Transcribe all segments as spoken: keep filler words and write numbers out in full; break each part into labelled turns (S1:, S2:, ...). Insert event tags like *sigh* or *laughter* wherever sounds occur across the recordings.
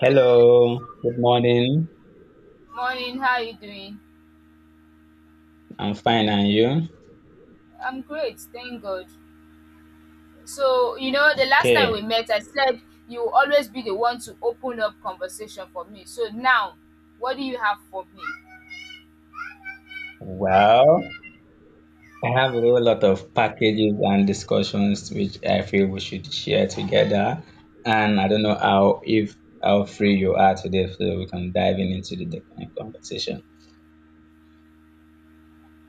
S1: Hello, good morning.
S2: Morning, how are you doing?
S1: I'm fine, and you?
S2: I'm great, thank God. So, you know, the last time we
S1: Okay.
S2: met, I said you will always be the one to open up conversation for me. So now, what do you have for me?
S1: Well, I have a whole lot of packages and discussions which I feel we should share together. And I don't know how if how free you are today, so we can dive in into the the conversation.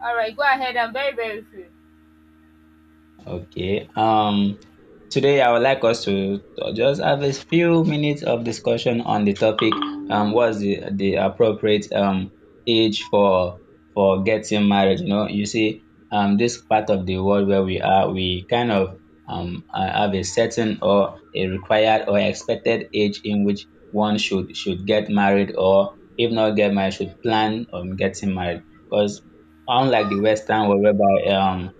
S2: All right, go ahead. I'm very, very free.
S1: Okay. Um, today I would like us to just have a few minutes of discussion on the topic. Um, what's the the appropriate um age for for getting married? You know, you see, um, this part of the world where we are, we kind of um uh, have a certain or a required or expected age in which one should should get married, or if not get married, should plan on getting married, because unlike the western world whereby um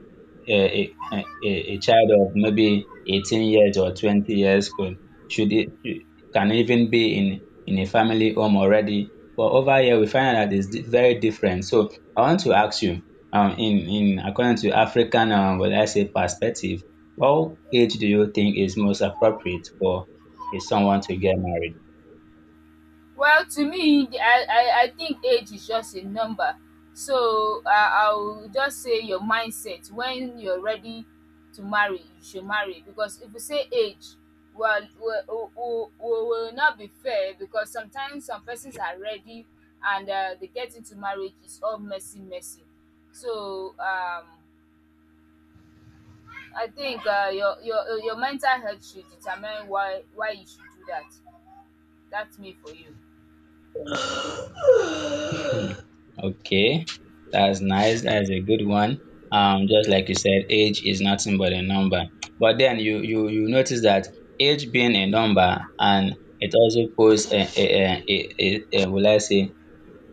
S1: a, a, a child of maybe eighteen years or twenty years could should it should- can even be in in a family home already, but over here we find out that it's di- very different. So I want to ask you, um, in in according to African, um, what I say, perspective, what age do you think is most appropriate for a someone to get married?
S2: Well, to me, I, I, I think age is just a number. So uh, I'll just say your mindset, when you're ready to marry, you should marry. Because if you say age, well, we will will not be fair, because sometimes some persons are ready and uh, they get into marriage, it's all messy, messy. So um, I think uh, your, your, your mental health should determine why, why you should do that. That's me for you.
S1: Okay, that's nice. That's a good one. Um, just like you said, age is nothing but a number. But then you you you notice that age being a number, and it also poses a a a, a, a will I say,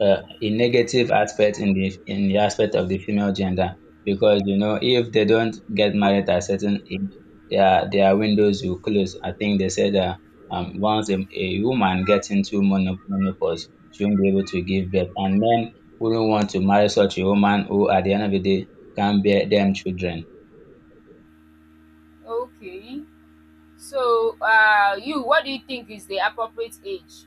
S1: uh, a negative aspect in the in the aspect of the female gender, because you know if they don't get married at a certain age, their their windows will close. I think they said that, um, once a, a woman gets into mono- menopause, she won't be able to give birth, and men wouldn't want to marry such a woman who at the end of the day can bear them children.
S2: Okay. So, uh, you, what do you think is the appropriate age?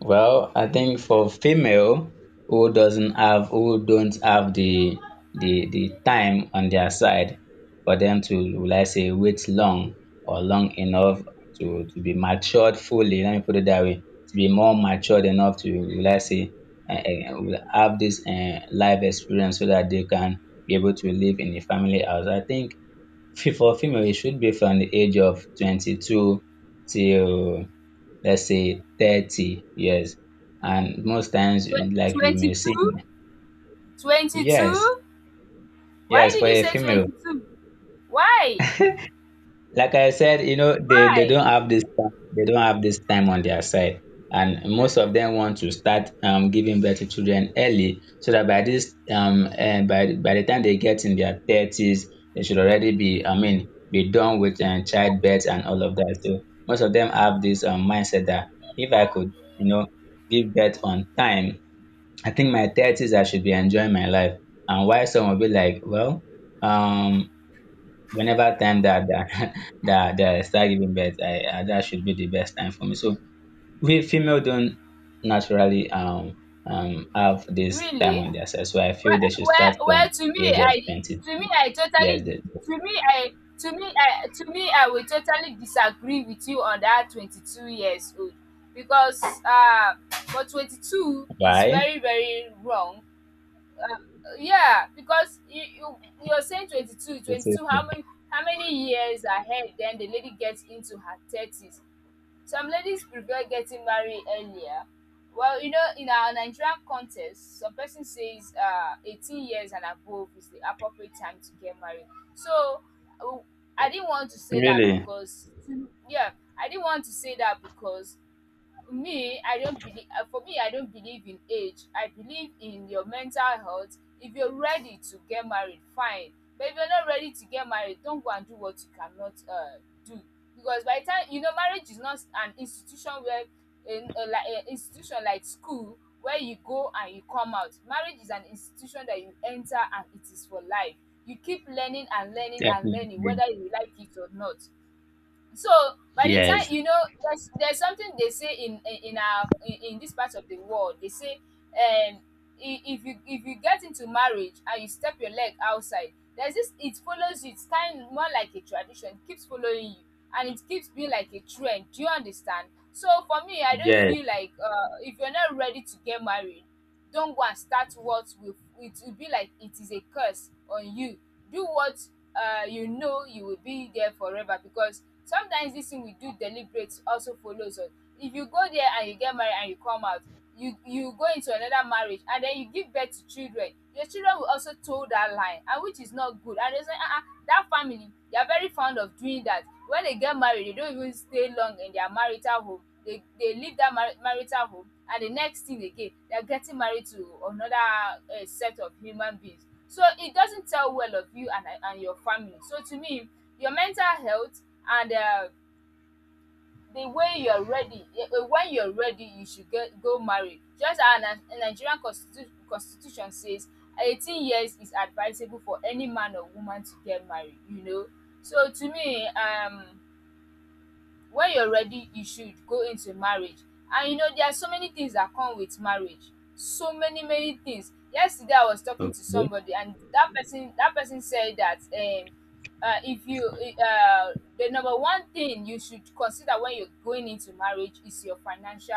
S1: Well, I think for female who doesn't have who don't have the the the time on their side, for them to, will I say, wait long or long enough to to be matured fully, let me put it that way, to be more matured enough to, will I say, eh, eh, will have this eh, life experience so that they can be able to live in a family house. I think fe- for female it should be from the age of twenty-two till, let's say, thirty years. And most times, eh,
S2: Tw-
S1: like you may see,
S2: twenty two?
S1: yes,
S2: twenty two? Why
S1: yes,
S2: did
S1: for
S2: you
S1: a
S2: say
S1: female.
S2: twenty two? Why?
S1: Like I said, you know, they, they
S2: Why?
S1: don't have this time, they don't have this time on their side. And most of them want to start, um, giving birth to children early, so that by this um and by by the time they get in their thirties, they should already be, I mean, be done with, um, childbirth and all of that. So most of them have this, um, mindset that if I could, you know, give birth on time, I think my thirties I should be enjoying my life. And why some will be like, well, um, whenever time that that *laughs* that, that I start giving birth, I, I that should be the best time for me. So we female don't naturally um um have this time
S2: Really?
S1: on their side. So I
S2: Well,
S1: feel they should start
S2: well, well
S1: from
S2: to me,
S1: the age of
S2: I
S1: twenty.
S2: to me I totally
S1: Yes, the,
S2: to me I to me I to me I will totally disagree with you on that twenty two years old, because uh for twenty two is
S1: why?
S2: very, very wrong. Yeah, because you you you're saying twenty two, twenty
S1: This
S2: two. How
S1: is-
S2: many, how many years ahead then the lady gets into her thirties? Some ladies prefer getting married earlier. Well, you know, in our Nigerian context, some person says uh, eighteen years and above is the appropriate time to get married. So, uh, I didn't want to say that
S1: Really?
S2: because, yeah, I didn't want to say that because me I don't believe uh, for me, I don't believe in age. I believe in your mental health. If you're ready to get married, fine. But if you're not ready to get married, don't go and do what you cannot uh, do, because by the time you know, marriage is not an institution where in uh, like an institution like school where you go and you come out. Marriage is an institution that you enter and it is for life. You keep learning and learning and learning
S1: Definitely.
S2: whether you like it or not. So by the time
S1: Yes.
S2: you know, there's there's something they say in in, our in, in this part of the world. They say um i- if you, if you get into marriage and you step your leg outside, there's this, it follows you. It's kind of more like a tradition, it keeps following you, and it keeps being like a trend, do you understand? So for me, I don't
S1: Yes.
S2: feel like, uh, if you're not ready to get married, don't go and start what will, it will be like, it is a curse on you. Do what uh, you know, you will be there forever, because sometimes this thing we do deliberate also follows us. If you go there and you get married and you come out, you you go into another marriage and then you give birth to children, your children will also toe that line, and which is not good. And they say ah ah, that family, they are very fond of doing that. When they get married, they don't even stay long in their marital home. They they leave that mari marital home, and the next thing again, they are getting married to another uh, set of human beings. So it doesn't tell well of you and and your family. So to me, your mental health, and um the way you're ready, eh, eh, when you're ready, you should get go marry. Just as a Nigerian constitu- constitution says, eighteen years is advisable for any man or woman to get married, you know. So to me, um when you're ready, you should go into marriage. And you know, there are so many things that come with marriage, so many many things. Yesterday I was talking to
S1: Okay.
S2: somebody, and that person that person said that um uh, if you uh the number one thing you should consider when you're going into marriage is your financial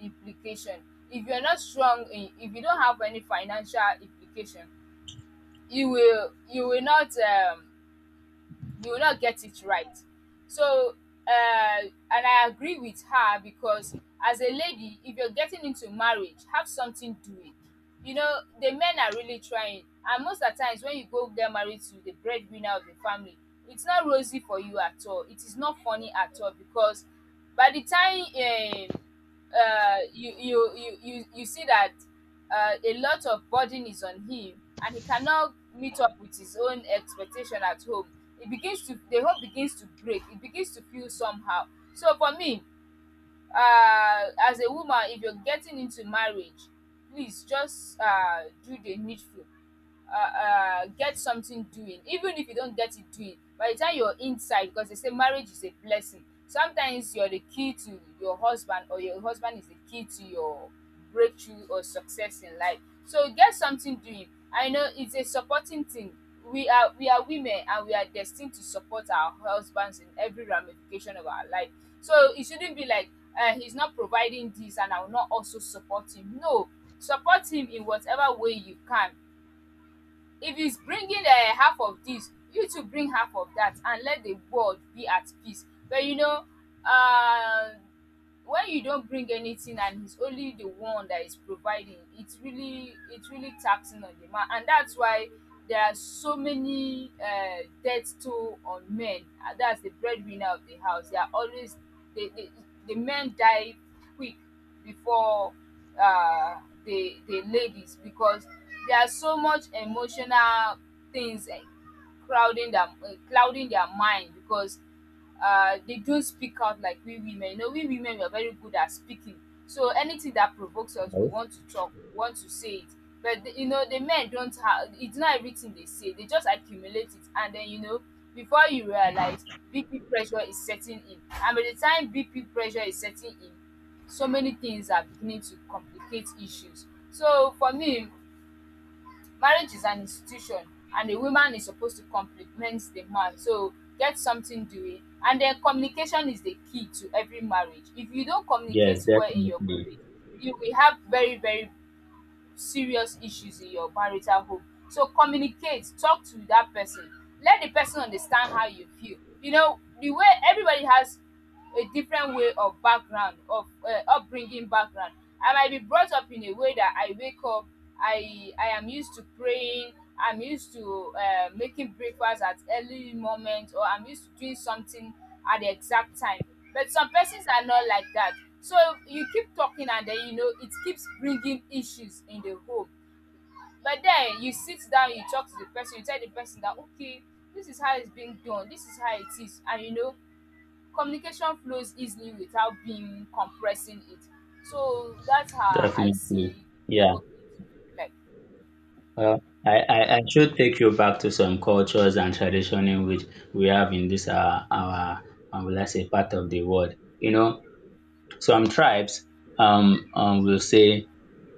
S2: implication. If you're not strong in, if you don't have any financial implication, you will you will not um you will not get it right. So, uh, and I agree with her, because as a lady, if you're getting into marriage, have something doing. You know, the men are really trying, and most at times when you go get married to the breadwinner of the family, it's not rosy for you at all, it is not funny at all, because by the time um, uh, you, you you you you see that uh, a lot of burden is on him and he cannot meet up with his own expectation at home. It begins to, the hope begins to break, it begins to feel somehow. So for me, um as a woman, if you're getting into marriage, please just um do the needful. um um get something doing. Even if you don't get it doing by the time you're inside, because they say marriage is a blessing. Sometimes you're the key to your husband, or your husband is the key to your breakthrough or success in life. So get something doing. I know it's a supporting thing. We are we are women, and we are destined to support our husbands in every ramification of our life. So it shouldn't be like, uh, he's not providing this and I will not also support him. No, support him in whatever way you can. If he's bringing uh, half of this, you too bring half of that, and let the world be at peace. But you know, uh, when you don't bring anything and he's only the one that is providing, it's really, it's really taxing on the man. And that's why there are so many uh, death toll on men. And that's the breadwinner of the house, they are always the the the men die quick before uh, the the ladies, because there are so much emotional things, eh, crowding their, uh, clouding their mind, because uh, they don't speak out like we women. You know, we women, we are very good at speaking. So anything that provokes us, we
S1: Yes.
S2: want to talk, we want to say it. But the, you know, the men don't have. It's not everything they say. They just accumulate it, and then you know, before you realize, B P pressure is setting in. And by the time B P pressure is setting in, so many things are beginning to complicate issues. So for me, marriage is an institution and the woman is supposed to complement the man. So get something doing. And then communication is the key to every marriage. If you don't
S1: Yes,
S2: communicate well in your
S1: definitely.
S2: marriage, you will have very, very serious issues in your marital home. So communicate, talk to that person, let the person understand how you feel. You know, the way everybody has a different way of background, of uh, upbringing background. I might be brought up in a way that I wake up, I I am used to praying, I'm used to uh, making breakfast at early moment, or I'm used to doing something at the exact time. But some persons are not like that. So you keep talking, and then you know, it keeps bringing issues in the home. But then you sit down, you talk to the person, you tell the person that okay, this is how it's being done, this is how it is, and you know, communication flows easily without being compressing it. So that's how I
S1: Definitely.
S2: see the
S1: Yeah.
S2: whole thing to be like.
S1: Uh, I, I, I should take you back to some cultures and tradition in which we have in this our our um, will us say, part of the world. You know, some tribes um, um will say,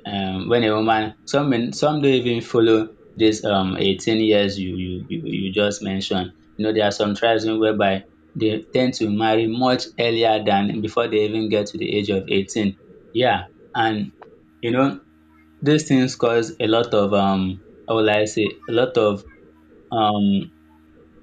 S1: um, when a woman, some men, some don't even follow this, um, eighteen years you you you, you just mentioned. You know, there are some tribes in whereby they tend to marry much earlier than before they even get to the age of eighteen. Yeah, and you know these things cause a lot of, um, how will I say, a lot of, um,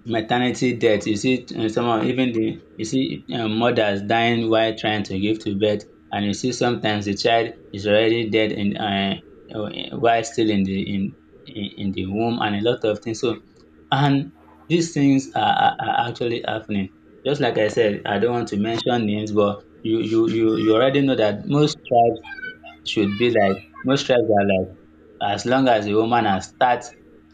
S1: maternity death. You see, um, someone, even the, you see, um, mothers dying while trying to give to birth, and you see sometimes the child is already dead in, uh, uh, while still in the in in in the womb, and a lot of things. So and these things are are are actually happening. Just like I said, I don't want to mention names, but you you you you already know that most tribes should be like, most tribes are like, as long as a woman has start,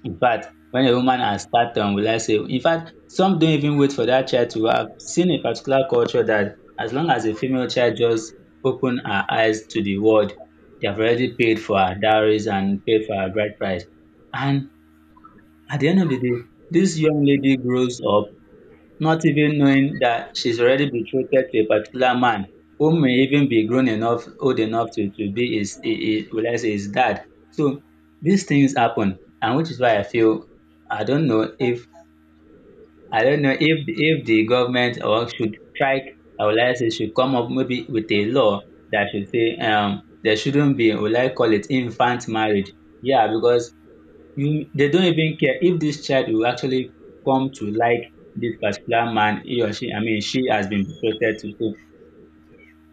S1: in fact when a woman has start, um, will I say, in fact some don't even wait for that child to have seen a particular culture, that as long as a female child just open her eyes to the world, they have already paid for her dowries and paid for her bride price, and at the end of the day this young lady grows up not even knowing that she's already betrothed to a particular man who may even be grown enough, old enough to, to be his, his, will I say, his dad. So these things happen, and which is why I feel, I don't know if, I don't know if if the government or should try. I would like to say, should come up maybe with a law that should say, um, there shouldn't be, will I call it, infant marriage. Yeah, because you, they don't even care if this child will actually come to like this particular man, he or she I mean she has been betrothed to. So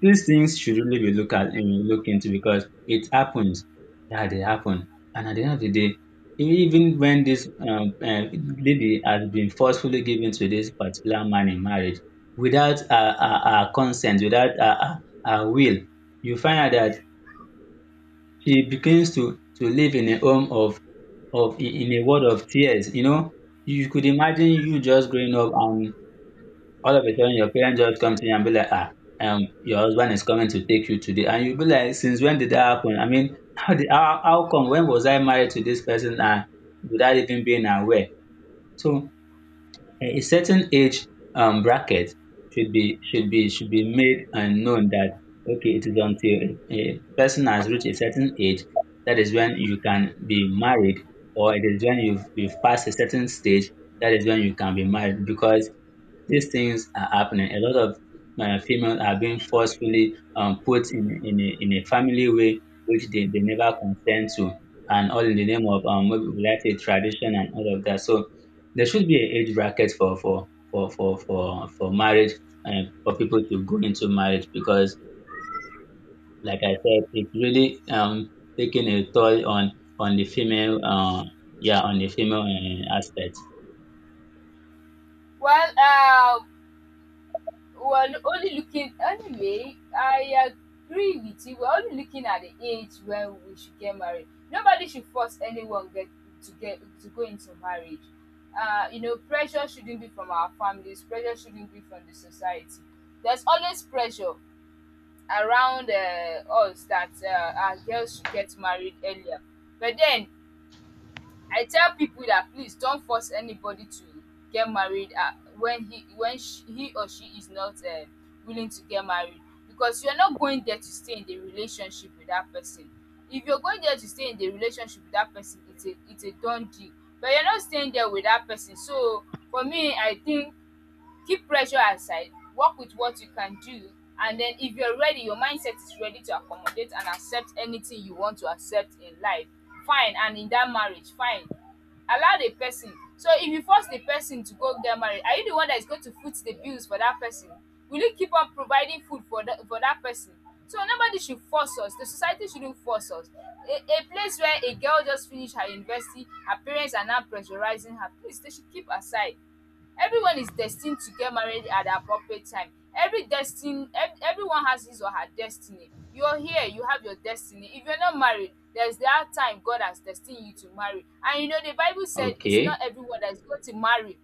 S1: these things should really be look at and look into, because it happens. Yeah, they happen. And at the end of the day, even when this, um, um lady has been forcefully given to this particular man in marriage, without her her her consent, without her her her will, you find out that she begins to to live in a home of of in in a world of tears, you know. You could imagine you just growing up and all of a sudden your parents just come to you and be like, "Ah, um, your husband is coming to take you today." And you be like, "Since when did that happen? I mean, *laughs* how did, how how come? When was I married to this person and without even being aware?" So a certain age, um, bracket should be, should be should be made and known that okay, it is until a person has reached a certain age, that is when you can be married, or it is when you've, you've passed a certain stage, that is when you can be married, because these things are happening. A lot of, uh, females are being forcefully, um, put in, in, a, in a family way which they, they never consent to, and all in the name of, um, maybe we like say, tradition and all of that. So there should be an age bracket for for for for for, for marriage and for people to go into marriage because, like I said, it's really, um, taking a toll on on the female, uh, yeah, on the female, uh, aspect.
S2: Well, uh, Well, only looking anyway, I agree with you. We're only looking at the age when we should get married. Nobody should force anyone get to get to go into marriage. Uh, you know, pressure shouldn't be from our families. Pressure shouldn't be from the society. There's always pressure around uh, us, that uh, our girls should get married earlier. But then I tell people that please don't force anybody to get married uh, when he when she, he or she is not uh, willing to get married, because you're not going there to stay in the relationship with that person. If you're going there to stay in the relationship with that person, it's a it's a done deal. But you're not staying there with that person. So for me, I think, keep pressure aside, work with what you can do. And then if you're ready, your mindset is ready to accommodate and accept anything you want to accept in life, fine, and in that marriage, fine, allow the person. So if you force the person to go get married, are you the one that is going to foot the bills for that person? Will you keep on providing food for that for that person? So nobody should force us, the society shouldn't force us. a, a place where a girl just finished her university, her parents are now pressurizing her, please they should keep aside. Everyone is destined to get married at the appropriate time. Every destiny, ev- everyone has his or her destiny. You're here, you have your destiny. If you're not married, there's that time God has destined you to marry. And you know, the Bible said, it's
S1: Okay,
S2: not everyone that is going to marry,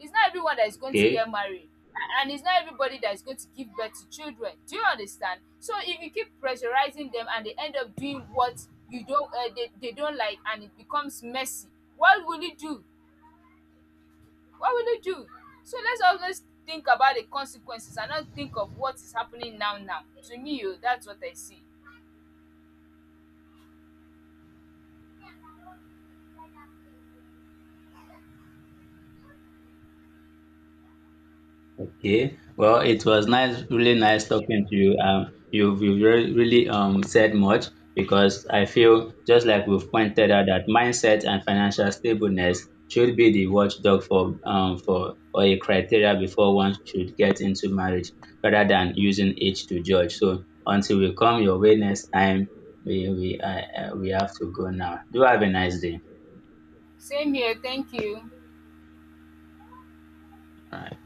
S2: it's not everyone that is going to
S1: okay.
S2: get married. A- and it's not everybody that is going to give birth to children, do you understand? So if you keep pressurizing them and they end up doing what you don't uh, they, they don't like, and it becomes messy, what will you do? What will you do? So let's always think about the consequences and not think of what is happening now now. To me, oh, that's what I see.
S1: Yeah, well, it was nice, really nice talking to you. Um, you've, you've re- really, um, said much, because I feel just like we've pointed out that mindset and financial stableness should be the watchdog for, um, for or a criteria before one should get into marriage rather than using age to judge. So until we come your way next time, we we I, uh, we have to go now. Do have a nice day.
S2: Same here, thank you.
S1: All right.